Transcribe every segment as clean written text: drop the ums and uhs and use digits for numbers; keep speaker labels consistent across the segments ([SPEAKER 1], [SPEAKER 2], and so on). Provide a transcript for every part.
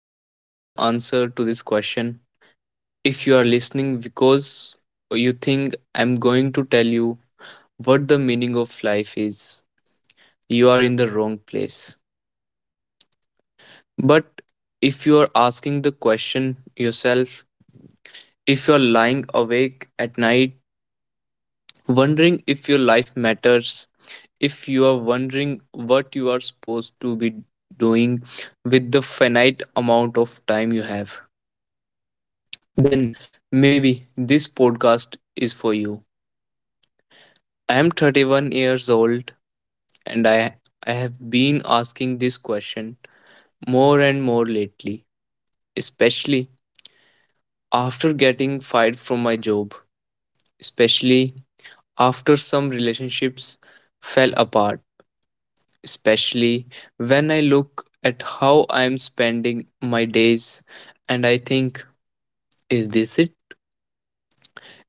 [SPEAKER 1] I don't have the answer to this question. If you are listening because you think I'm going to tell you what the meaning of life is, you are in the wrong place. But if you are asking the question yourself, if you are lying awake at night wondering if your life matters, if you are wondering what you are supposed to be doing with the finite amount of time you have, then maybe this podcast is for you. I am 31 years old and I have been asking this question more and more lately, especially after getting fired from my job, especially after some relationships fell apart, especially when I look at how I'm spending my days and I think, is this it?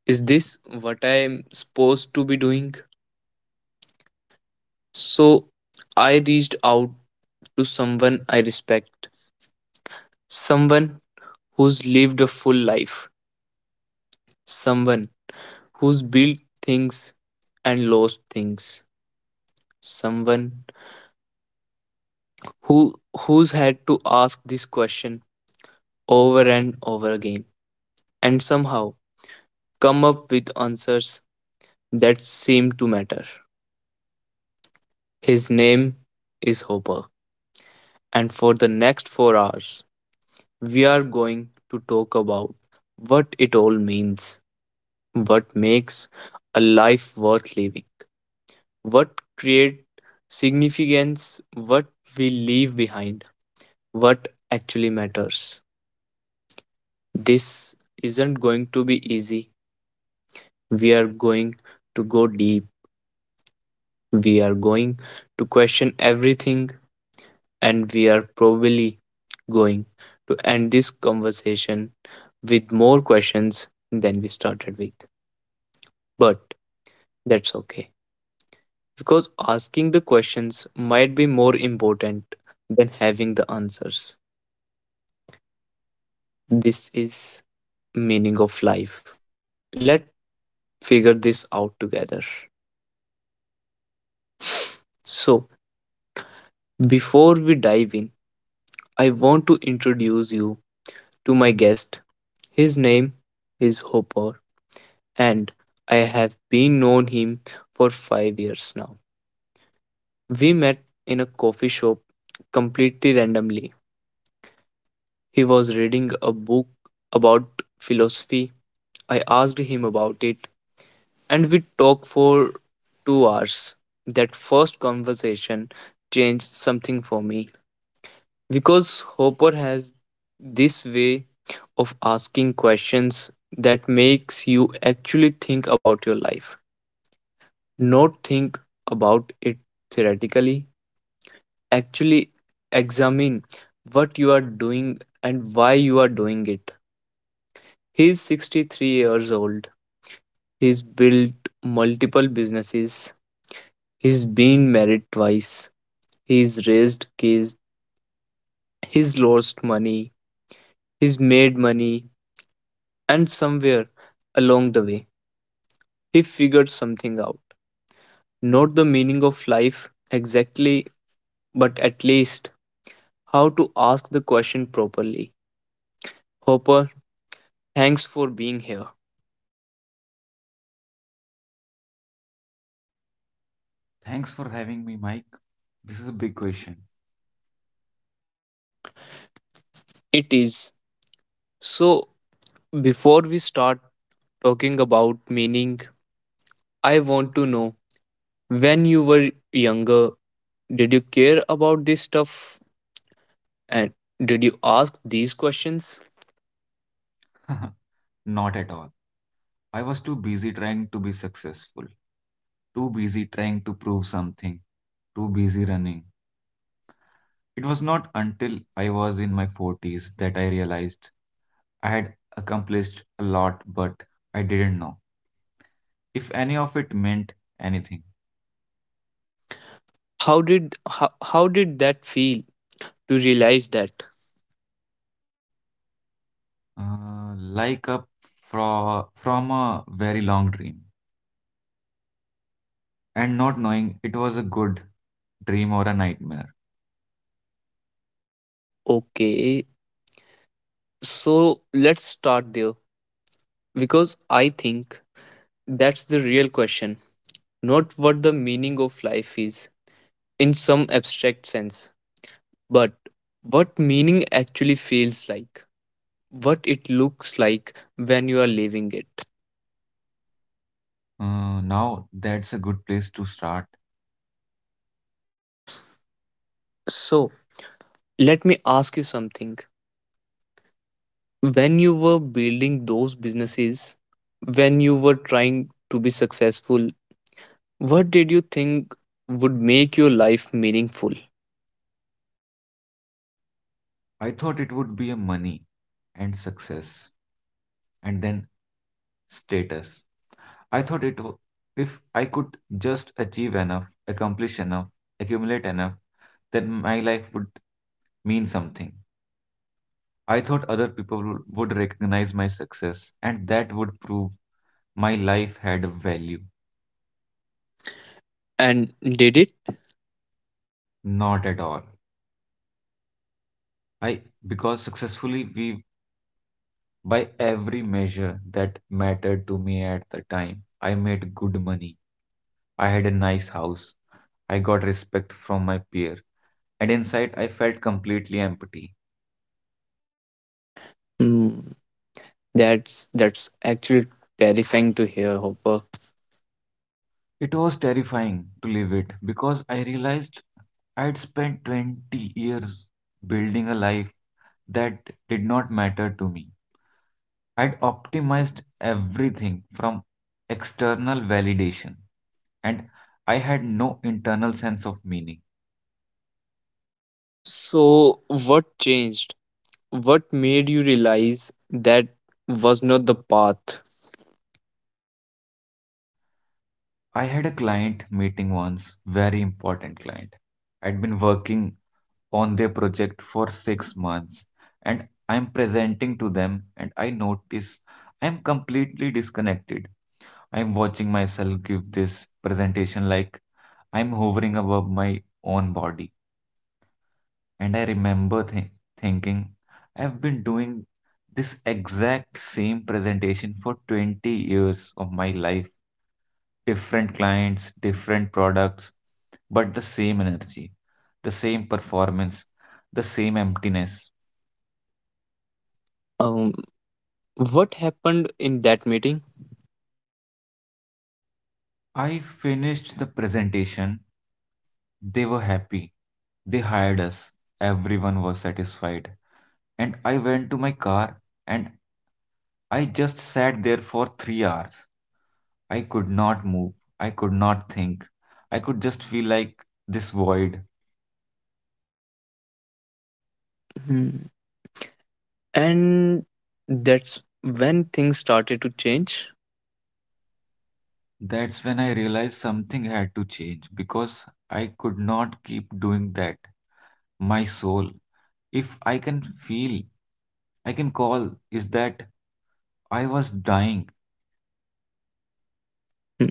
[SPEAKER 1] Is this what I'm supposed to be doing? So I reached out to someone I respect, someone who's lived a full life, someone who's built things and lost things, someone who who's had to ask this question over and over again and somehow come up with answers that seem to matter. His name is Hopper, and for the next 4 hours, we are going to talk about what it all means, what makes a life worth living, what creates significance, what we leave behind, what actually matters. This isn't going to be easy. We are going to go deep. We are going to question everything and we are probably going to end this conversation with more questions than we started with. But that's okay because asking the questions might be more important than having the answers. This is Meaning of Life. Let's figure this out together. So, before we dive in, I want to introduce you to my guest. His name is Hopper and I have been known him for 5 years now. We met in a coffee shop completely randomly. He was reading a book about philosophy. I asked him about it and we talked for 2 hours. That first conversation changed something for me because Hopper has this way of asking questions that makes you actually think about your life. Not think about it theoretically, actually examine what you are doing and why you are doing it. He's 63 years old, he's built multiple businesses, he's been married twice, he's raised kids, he's lost money, he's made money, and somewhere along the way he figured something out. Not the meaning of life exactly, but at least how to ask the question properly. Hopper, thanks for being here.
[SPEAKER 2] Thanks for having me, Mike. This is a big question.
[SPEAKER 1] It is. So, before we start talking about meaning, I want to know, when you were younger, did you care about this stuff and did you ask these questions?
[SPEAKER 2] Not at all. I was too busy trying to be successful, too busy trying to prove something, too busy running. It was not until I was in my 40s that I realized I had accomplished a lot, but I didn't know if any of it meant anything.
[SPEAKER 1] How did that feel to realize that?
[SPEAKER 2] Like from a very long dream, and not knowing it was a good dream or a nightmare.
[SPEAKER 1] Okay, so let's start there because I think that's the real question, not what the meaning of life is in some abstract sense, but what meaning actually feels like, what it looks like when you are living it.
[SPEAKER 2] Now that's a good place to start.
[SPEAKER 1] So, let me ask you something. When you were building those businesses, when you were trying to be successful, what did you think would make your life meaningful?
[SPEAKER 2] I thought it would be a money and success and then status. I thought it w- If I could just achieve enough, accomplish enough, accumulate enough, then my life would mean something. I thought other people would recognize my success and that would prove my life had a value.
[SPEAKER 1] And did it?
[SPEAKER 2] Not at all. I because successfully we By every measure that mattered to me at the time, I made good money. I had a nice house. I got respect from my peer, and inside I felt completely empty.
[SPEAKER 1] Hmm, that's actually terrifying to hear, Hopper.
[SPEAKER 2] It was terrifying to leave it because I realized I'd spent 20 years building a life that did not matter to me. I'd optimized everything from external validation, and I had no internal sense of meaning.
[SPEAKER 1] So, what changed? What made you realize that was not the path?
[SPEAKER 2] I had a client meeting once, very important client. I'd been working on their project for 6 months, and I'm presenting to them and I notice I'm completely disconnected. I'm watching myself give this presentation like I'm hovering above my own body. And I remember thinking, I've been doing this exact same presentation for 20 years of my life. Different clients, different products, but the same energy, the same performance, the same emptiness.
[SPEAKER 1] Um, what happened in that meeting?
[SPEAKER 2] I finished the presentation. They were happy. They hired us. Everyone was satisfied. And I went to my car and I just sat there for 3 hours. I could not move. I could not think. I could just feel like this void.
[SPEAKER 1] Hmm. And that's when things started to change.
[SPEAKER 2] That's when I realized something had to change because I could not keep doing that. My soul, if I can feel, I can call, is that I was dying.
[SPEAKER 1] Hmm.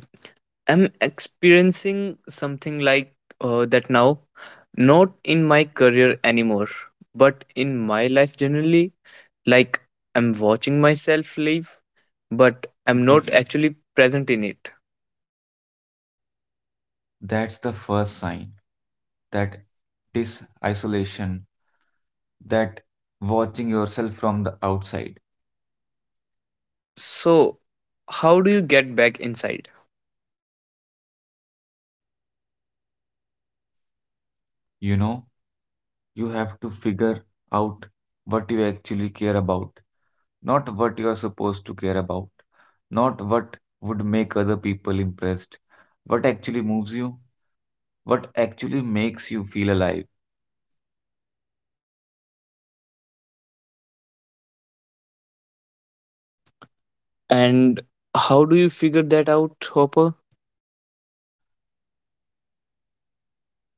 [SPEAKER 1] I'm experiencing something like that now, not in my career anymore, but in my life generally. Like, I'm watching myself live, but I'm not actually present in it.
[SPEAKER 2] That's the first sign that this isolation, that watching yourself from the outside,
[SPEAKER 1] So, how do you get back inside?
[SPEAKER 2] you know, you have to figure out what you actually care about, not what you are supposed to care about, not what would make other people impressed, what actually moves you, what actually makes you feel alive.
[SPEAKER 1] And how do you figure that out, Hopper?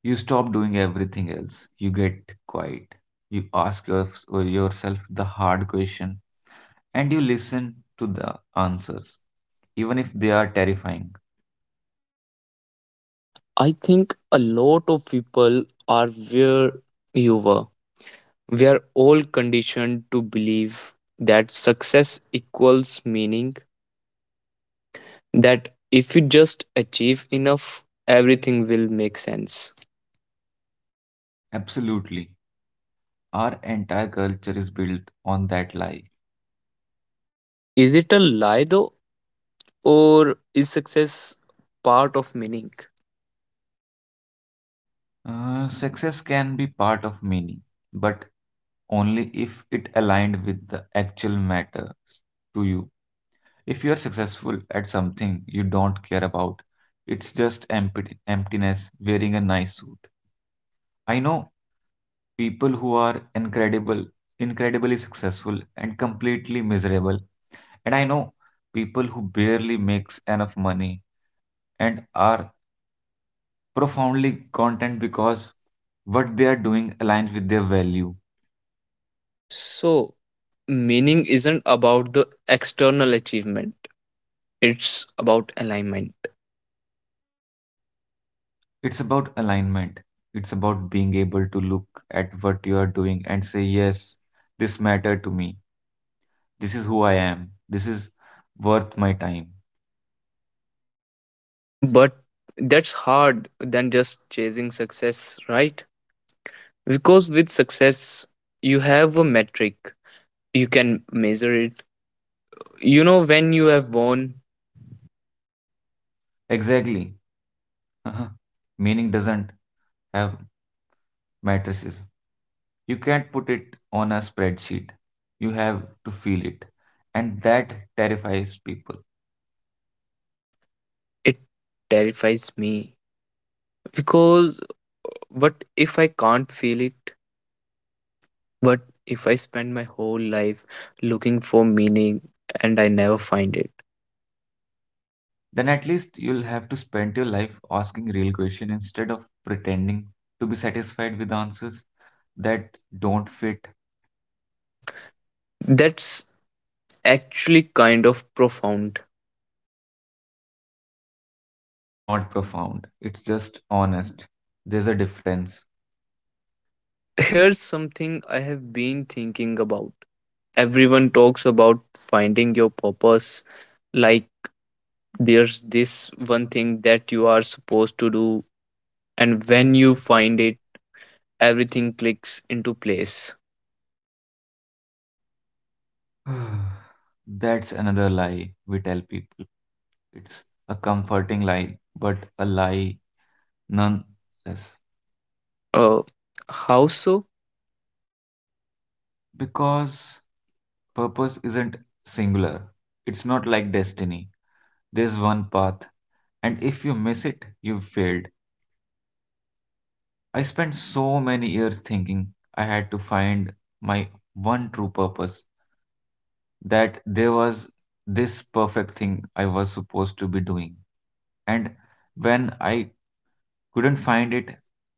[SPEAKER 2] You stop doing everything else, you get quiet, you ask your, yourself the hard question, and you listen to the answers, even if they are terrifying.
[SPEAKER 1] I think a lot of people are where you were. We are all conditioned to believe that success equals meaning, that if you just achieve enough, everything will make sense.
[SPEAKER 2] Absolutely. Our entire culture is built on that lie.
[SPEAKER 1] Is it a lie though, or is success part of meaning?
[SPEAKER 2] Success can be part of meaning, but only if it aligned with the actual matter to you. If you are successful at something you don't care about, it's just empty, emptiness wearing a nice suit. I know people who are incredible, incredibly successful and completely miserable, and I know people who barely makes enough money and are profoundly content because what they are doing aligns with their value.
[SPEAKER 1] So, meaning isn't about the external achievement, it's about alignment.
[SPEAKER 2] It's about alignment. It's about being able to look at what you are doing and say, yes, this matter to me. This is who I am. This is worth my time.
[SPEAKER 1] But that's hard than just chasing success, right? Because with success, you have a metric, you can measure it. You know, when you have won,
[SPEAKER 2] Exactly. Uh-huh. Meaning doesn't have matrices. You can't put it on a spreadsheet. You have to feel it. And that terrifies people.
[SPEAKER 1] it terrifies me. Because what if I can't feel it? What if I spend my whole life looking for meaning and I never find it?
[SPEAKER 2] Then at least you'll have to spend your life asking real questions instead of pretending to be satisfied with answers that don't fit.
[SPEAKER 1] That's actually kind of profound.
[SPEAKER 2] It's not profound, it's just honest. There's a difference.
[SPEAKER 1] Here's something I have been thinking about. Everyone talks about finding your purpose, like there's this one thing that you are supposed to do,
[SPEAKER 2] And
[SPEAKER 1] and
[SPEAKER 2] when
[SPEAKER 1] when
[SPEAKER 2] you
[SPEAKER 1] you
[SPEAKER 2] find
[SPEAKER 1] find it, everything clicks into place.
[SPEAKER 2] That's another lie we tell people. It's a comforting lie, but a lie nonetheless.
[SPEAKER 1] Uh, how so?
[SPEAKER 2] Because purpose isn't singular, it's not like destiny. There's one path, and if you miss it, you've failed. I spent so many years thinking I had to find my one true purpose, that there was this perfect thing I was supposed to be doing. And when I couldn't find it,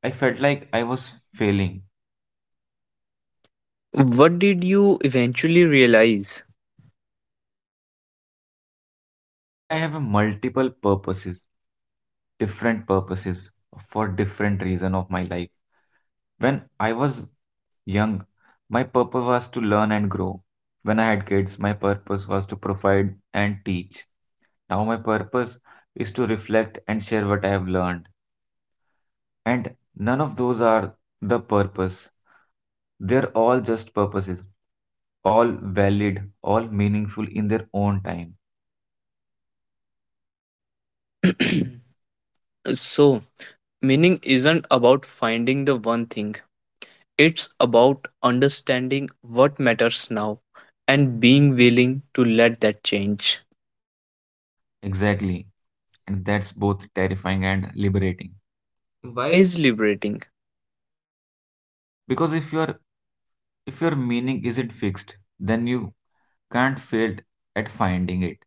[SPEAKER 2] I felt like I was failing.
[SPEAKER 1] What did you eventually realize?
[SPEAKER 2] That I have a multiple purposes, different purposes for different reason of my life. When I was young, my purpose was to learn and grow. When I had kids, my purpose was to provide and teach. Now my purpose is to reflect and share what I have learned. And none of those are the purpose. They're all just purposes, all valid, all meaningful in their own time.
[SPEAKER 1] So, meaning isn't about finding the one thing, it's about understanding what matters now and being willing to let that change.
[SPEAKER 2] Exactly. And that's both terrifying and liberating. Why
[SPEAKER 1] Why
[SPEAKER 2] is
[SPEAKER 1] is liberating?
[SPEAKER 2] Because if your meaning isn't fixed, then you can't fail at finding it.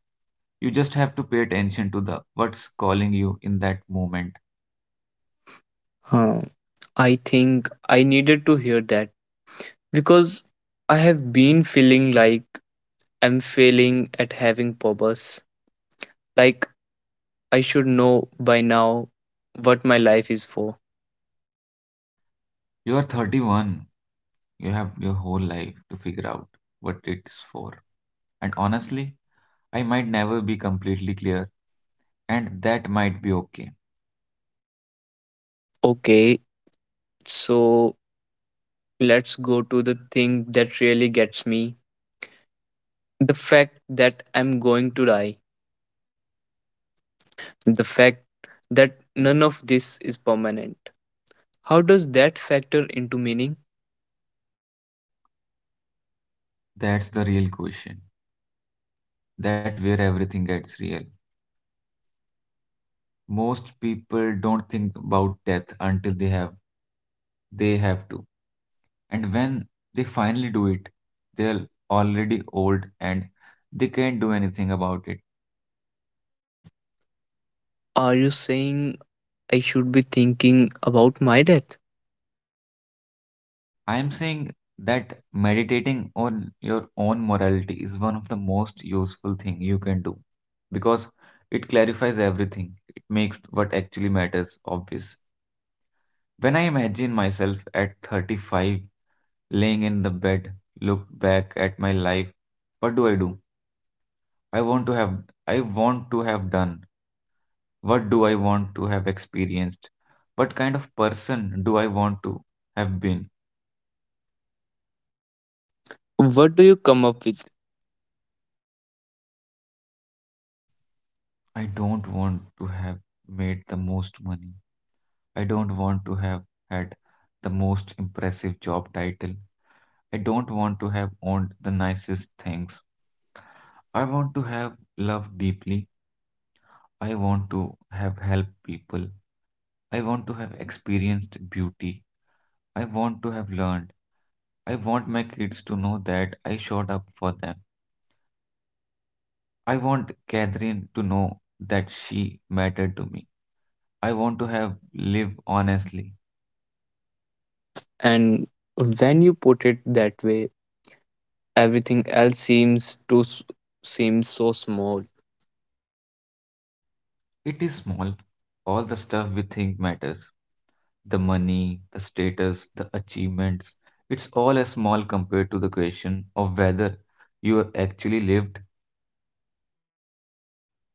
[SPEAKER 2] You just have to pay attention to the what's calling you in that moment.
[SPEAKER 1] Huh. I think I needed to hear that because I have been feeling like I'm failing at having purpose. Like I should know by now what my life is for.
[SPEAKER 2] You are 31. You have your whole life to figure out what it's for. And honestly, I might never be completely clear, and that might be okay.
[SPEAKER 1] Okay, so let's go to the thing that really gets me, the fact that I'm going to die, the fact that none of this is permanent. How does that factor into meaning?
[SPEAKER 2] That's the real question. That's where everything gets real. Most people don't think about death until they have to. And when they finally do it, they're already old and they can't do anything about it.
[SPEAKER 1] Are you saying I should be thinking about my death?
[SPEAKER 2] I am saying that meditating on your own morality is one of the most useful thing you can do, because it clarifies everything. It makes what actually matters obvious. When I imagine myself at 35 laying in the bed, look back at my life, what do I do? I want to have I want to have done. What do I want to have experienced? What kind of person do I want to have been?
[SPEAKER 1] What do you come up with?
[SPEAKER 2] I don't want to have made the most money. I don't want to have had the most impressive job title. I don't want to have owned the nicest things. I want to have loved deeply. I want to have helped people. I want to have experienced beauty. I want to have learned. I want my kids to know that I showed up for them. I want Catherine to know that she mattered to me. I want to have lived honestly.
[SPEAKER 1] And when you put it that way, everything else seem so small.
[SPEAKER 2] It is small, all the stuff we think matters, the money, the status, the achievements, it's all as small compared to the question of whether you are actually lived.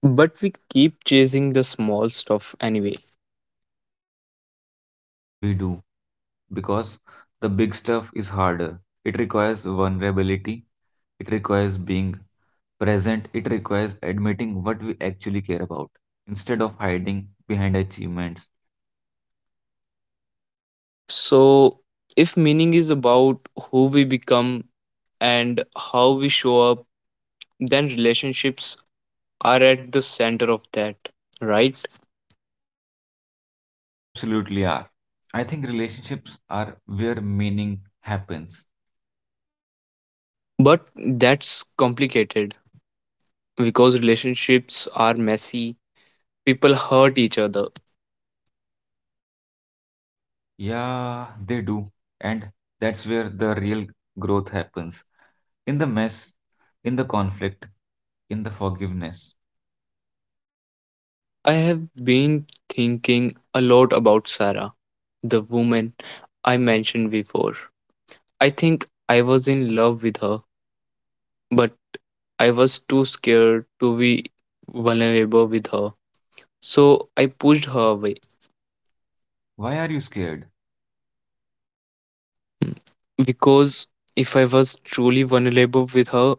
[SPEAKER 1] But we keep chasing the small stuff anyway.
[SPEAKER 2] We do, because the big stuff is harder. It requires vulnerability, it requires being present, it requires admitting what we actually care about instead of hiding behind achievements.
[SPEAKER 1] So, if meaning is about who we become and how we show up, then relationships are at the center of that, right?
[SPEAKER 2] They absolutely are. I think relationships are where meaning happens.
[SPEAKER 1] But that's complicated because relationships are messy. People hurt each other.
[SPEAKER 2] Yeah, they do. And that's where the real growth happens. In the mess, in the conflict, in the forgiveness.
[SPEAKER 1] I have been thinking a lot about Sarah, the woman I mentioned before. I think I was in love with her, but I was too scared to be vulnerable with her. So I pushed her away.
[SPEAKER 2] Why are you scared?
[SPEAKER 1] Because if I was truly vulnerable with her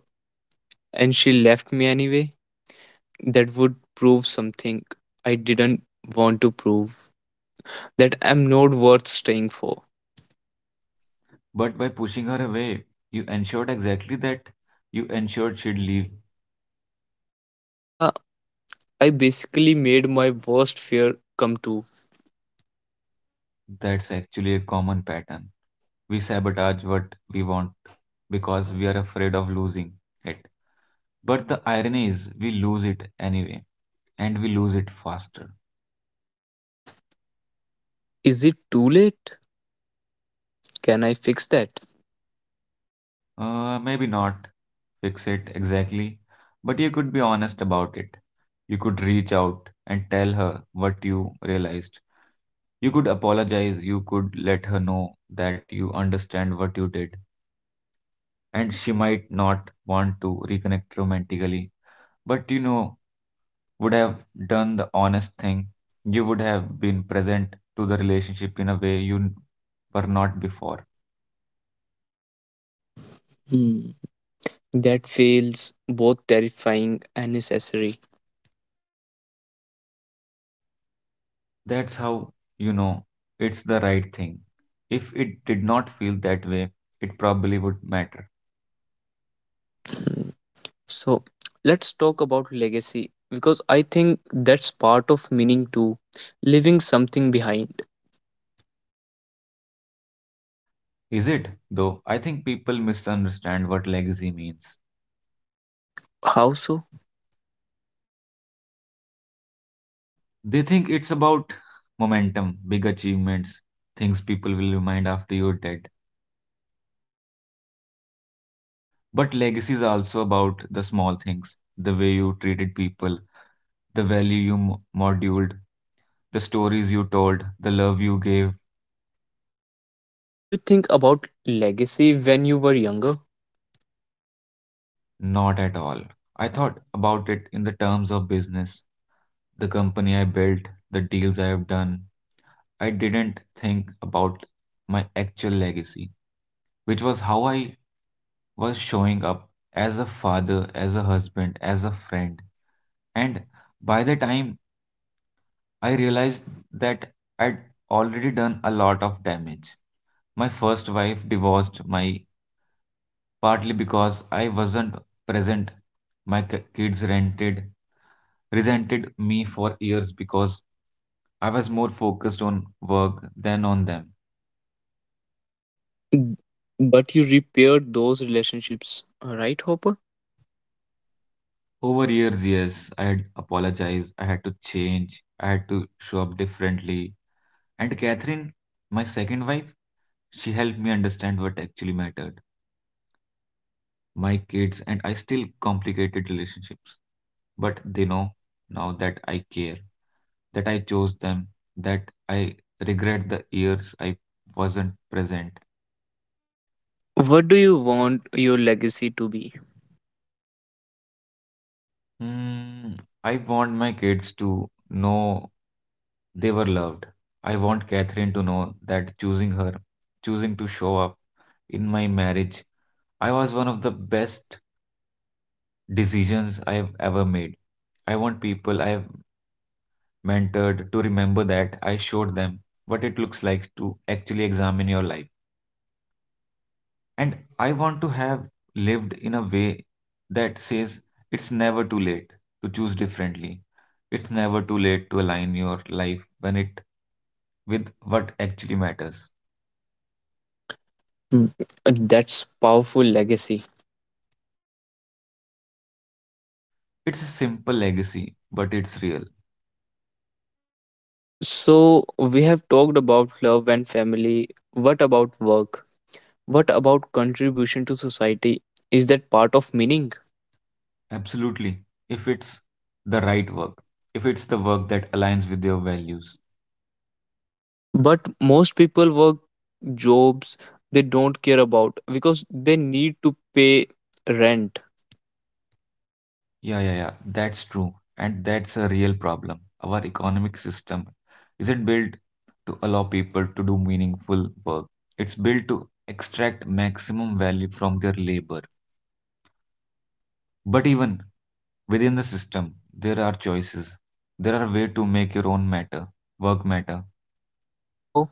[SPEAKER 1] and she left me anyway, that would prove something I didn't want to prove. That I'm not worth staying for.
[SPEAKER 2] But by pushing her away, you ensured exactly that. You ensured she'd leave.
[SPEAKER 1] Yeah, I basically made my worst fear come true.
[SPEAKER 2] That's actually a common pattern. We sabotage what we want because we are afraid of losing it. But the irony is, we lose it anyway, and we lose it faster.
[SPEAKER 1] Is it too late? Can I fix that?
[SPEAKER 2] Maybe not fix it exactly, but you could be honest about it. You could reach out and tell her what you realized. You could apologize. You could let her know that you understand what you did. And she might not want to reconnect romantically, but you know, would have done the honest thing. You would have been present to the relationship in a way you were not before.
[SPEAKER 1] Hmm, that feels both terrifying and necessary.
[SPEAKER 2] That's how you know it's the right thing. If it did not feel that way, it probably would matter.
[SPEAKER 1] Hmm, so, let's talk about legacy because I think that's part of meaning too, leaving something behind.
[SPEAKER 2] Is it, though? I think people misunderstand what legacy means.
[SPEAKER 1] How so?
[SPEAKER 2] They think it's about momentum, big achievements, things people will remind after you're dead. But legacy is also about the small things, the way you treated people, the value you moduled, the stories you told, the love you gave.
[SPEAKER 1] Did you think about legacy when you were younger?
[SPEAKER 2] Not at all. I thought about it in the terms of business, the company I built, the deals I have done. I didn't think about my actual legacy, which was how I was showing up as a father, as a husband, as a friend. And by the time I realized that, I'd already done a lot of damage. My first wife divorced my partly because I wasn't present. My kids rented resented me for years because I was more focused on work than on them.
[SPEAKER 1] Mm, but you repaired those relationships, right, Hopper?
[SPEAKER 2] Over years, yes, I had apologized, I had to change, I had to show up differently. And Catherine, my second wife, she helped me understand what actually mattered. My kids and I still complicated relationships, but they know now that I care, that I chose them, that I regret the years I wasn't present.
[SPEAKER 1] What do you want your legacy to be?
[SPEAKER 2] Mm, I want my kids to know they were loved. I want Catherine to know that choosing her, choosing to show up in my marriage, I was one of the best decisions I've ever made. I want people I've mentored to remember that I showed them what it looks like to actually examine your life. And I want to have lived in a way that says it's never too late to choose differently. It's never too late to align your life when it with what actually matters.
[SPEAKER 1] Mm, that's powerful legacy.
[SPEAKER 2] It's a simple legacy, but it's real.
[SPEAKER 1] So, we have talked about love and family. What about work? What about contribution to society? Is that part of meaning?
[SPEAKER 2] Absolutely. If it's the right work, if it's the work that aligns with your values.
[SPEAKER 1] But most people work jobs they don't care about because they need to pay rent.
[SPEAKER 2] Yeah, yeah, yeah. That's true. And that's a real problem. Our economic system isn't built to allow people to do meaningful work, it's built to extract maximum value from their labor. But even within the system, there are choices. There are ways to make your own matter, work matter,
[SPEAKER 1] How?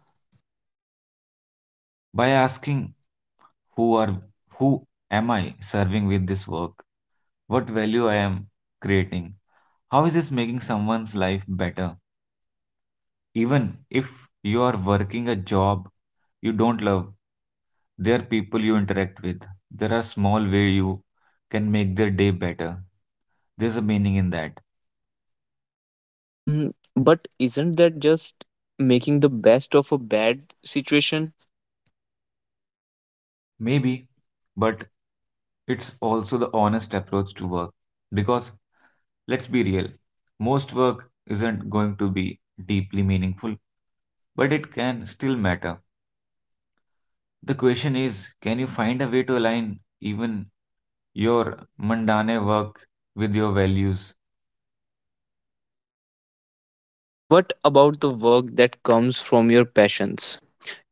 [SPEAKER 2] by asking who are who am I serving with this work? What value I am creating? How is this making someone's life better? Even if you are working a job you don't love, there are people you interact with. There are small ways you can make their day better. There's a meaning in that.
[SPEAKER 1] Mm, but isn't that just making the best of a bad situation?
[SPEAKER 2] Maybe, but it's also the honest approach to work. Because let's be real, most work isn't going to be deeply meaningful, but it can still matter. The question is can you find a way to align even your mundane work with your values?
[SPEAKER 1] What about the work that comes from your passions?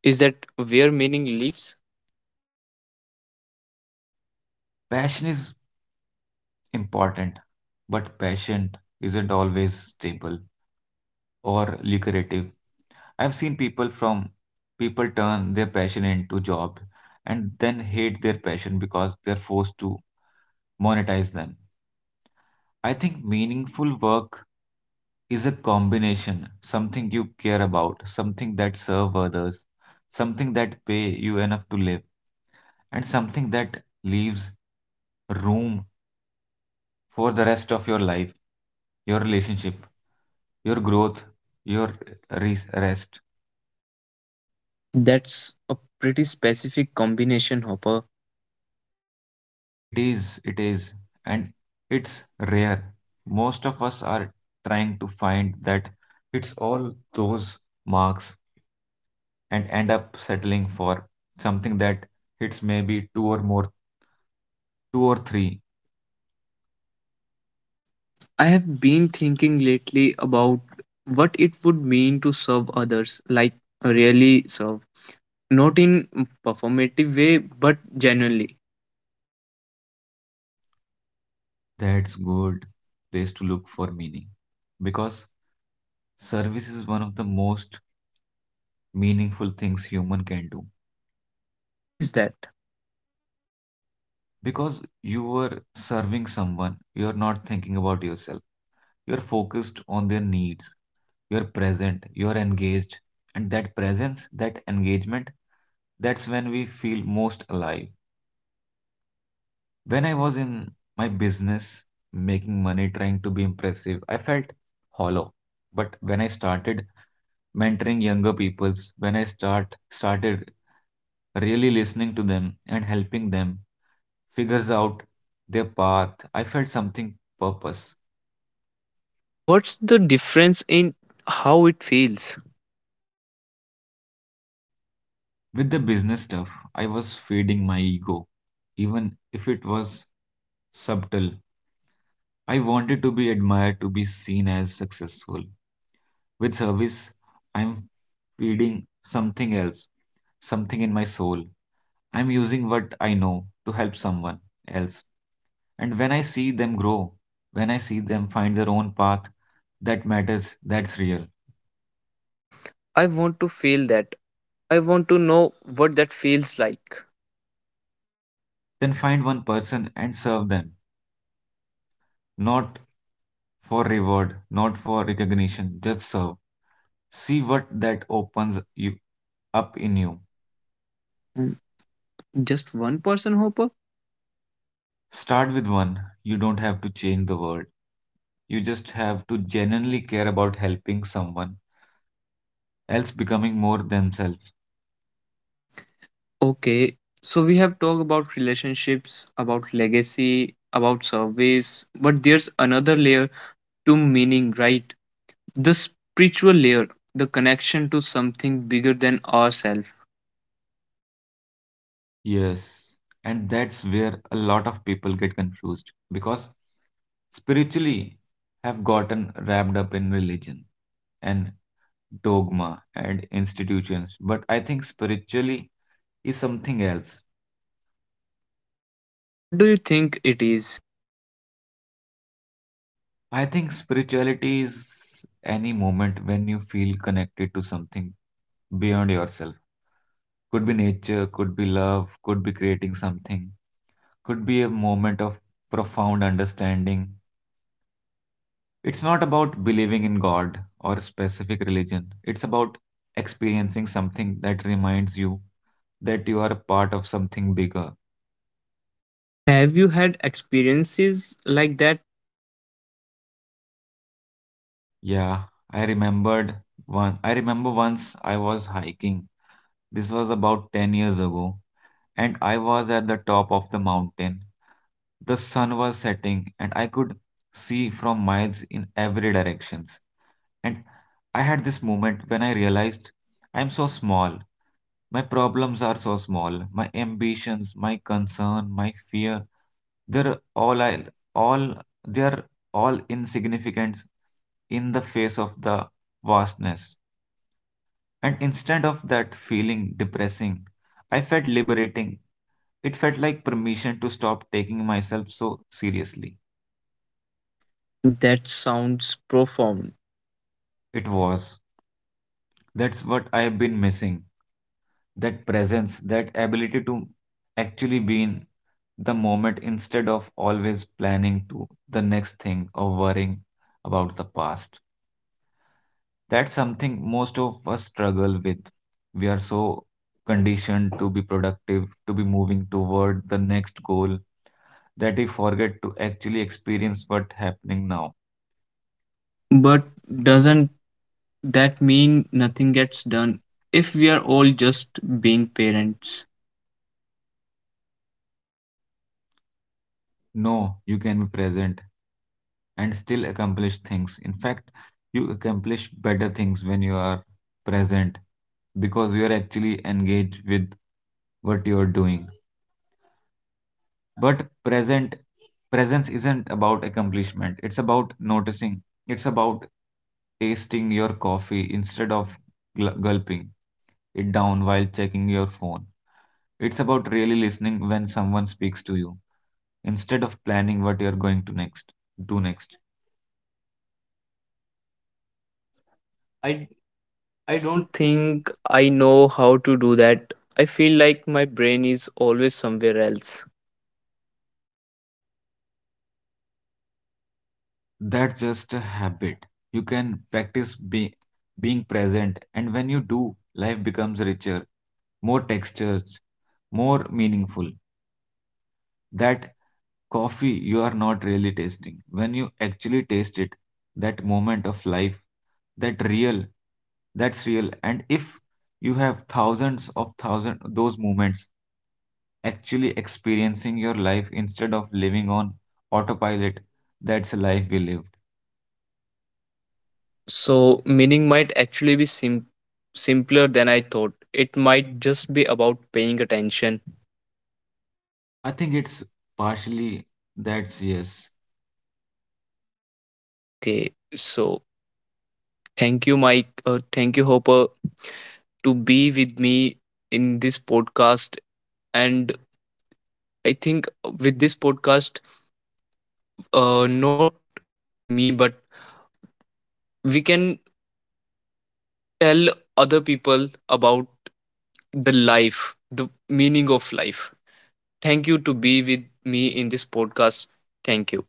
[SPEAKER 1] Is that where meaning lives?
[SPEAKER 2] Passion is important, but passion isn't always stable or lucrative. I've seen people turn their passion into job and then hate their passion because they're forced to monetize them. I think meaningful work is a combination, something you care about, something that serve others, something that pay you enough to live, and something that leaves room for the rest of your life, your relationship. Your growth, your rest.
[SPEAKER 1] That's a pretty specific combination, Hopper.
[SPEAKER 2] It is, and it's rare. Most of us are trying to find that it's all those marks and end up settling for something that hits maybe two or more, two or three.
[SPEAKER 1] I have been thinking lately about what it would mean to serve others, like really serve. Not in performative way, but genuinely.
[SPEAKER 2] That's good place to look for meaning because service is one of the most meaningful things human can do
[SPEAKER 1] Why is that?
[SPEAKER 2] because you are serving someone, you're not thinking about yourself, you're focused on their needs, you're present, you're engaged, and that presence, that engagement, that's when we feel most alive. When I was in my business making money trying to be impressive, I felt hollow. But when I started mentoring younger peoples, when I started really listening to them and helping them figures out their path, I felt something purpose.
[SPEAKER 1] What's the difference in how it feels?
[SPEAKER 2] With the business stuff, I was feeding my ego, even if it was subtle. I wanted to be admired, to be seen as successful. With service, I'm feeding something else, something in my soul. I'm using what I know to help someone else. And when I see them grow, when I see them find their own path, that matters, that's real.
[SPEAKER 1] I want to feel that. I want to know what that feels like.
[SPEAKER 2] Then find one person and serve them, not for reward, not for recognition, just serve. See what that opens you up in you.
[SPEAKER 1] Mm, just one person, Hopper?
[SPEAKER 2] Start with one. You don't have to change the world. You just have to genuinely care about helping someone else becoming more themselves.
[SPEAKER 1] Okay, so we have talked about relationships, about legacy, about service, but there's another layer to meaning, right? The spiritual layer, the connection to something bigger than ourselves.
[SPEAKER 2] Yes. And that's where a lot of people get confused because spiritually have gotten wrapped up in religion and dogma and institutions, but I think spiritually is something else.
[SPEAKER 1] What do you think it is?
[SPEAKER 2] I think spirituality is any moment when you feel connected to something beyond yourself. Could be nature, could be love, could be creating something, could be a moment of profound understanding. It's not about believing in God or specific religion, it's about experiencing something that reminds you that you are a part of something bigger.
[SPEAKER 1] Have you had experiences like that?
[SPEAKER 2] Yeah, I remembered one. I remember once I was hiking. This was about 10 years ago, and I was at the top of the mountain. The sun was setting, and I could see from miles in every directions. And I had this moment when I realized I'm so small. My problems are so small. My ambitions, my concern, my fear, they're all I- all they are all insignificant in the face of the vastness. And instead of that feeling depressing, I felt liberating. It felt like permission to stop taking myself so seriously.
[SPEAKER 1] That sounds profound,
[SPEAKER 2] It was. That's what I have been missing. That presence, that ability to actually be in the moment instead of always planning to the next thing or worrying about the past. That's something most of us struggle with. We are so conditioned to be productive, to be moving toward the next goal, that we forget to actually experience what's happening now.
[SPEAKER 1] but
[SPEAKER 2] But
[SPEAKER 1] doesn't
[SPEAKER 2] doesn't
[SPEAKER 1] that
[SPEAKER 2] that
[SPEAKER 1] mean
[SPEAKER 2] mean
[SPEAKER 1] nothing
[SPEAKER 2] nothing gets
[SPEAKER 1] gets done
[SPEAKER 2] done
[SPEAKER 1] if
[SPEAKER 2] if we
[SPEAKER 1] we are
[SPEAKER 2] are all
[SPEAKER 1] all
[SPEAKER 2] just
[SPEAKER 1] just being
[SPEAKER 2] being
[SPEAKER 1] parents?
[SPEAKER 2] parents? No, you can be present and still accomplish things. In fact, you accomplish better things when you are present because you are actually engaged with what you are doing. But present presence isn't about accomplishment. It's about noticing. It's about tasting your coffee instead of gulping it down while checking your phone. It's about really listening when someone speaks to you instead of planning what you're going to next do next. I
[SPEAKER 1] I
[SPEAKER 2] I don't
[SPEAKER 1] don't
[SPEAKER 2] think
[SPEAKER 1] think I know how to do that. I feel like my brain is always somewhere else.
[SPEAKER 2] That's just a habit. You can practice being present, and when you do, life becomes richer, more textures, more meaningful. That coffee you are not really tasting. When you actually taste it, that moment of life, that real, that's real. And if you have thousands of thousand those moments actually experiencing your life instead of living on autopilot, that's a life we lived.
[SPEAKER 1] So, meaning might actually be simpler than I thought. It might just be about paying attention.
[SPEAKER 2] I think it's partially that's yes.
[SPEAKER 1] Okay, so thank you, Mike. Thank you, Hopper, to be with me in this podcast. And I think with this podcast, not me, but we can tell other people about the life, the meaning of life. Thank you to be with me in this podcast. Thank you.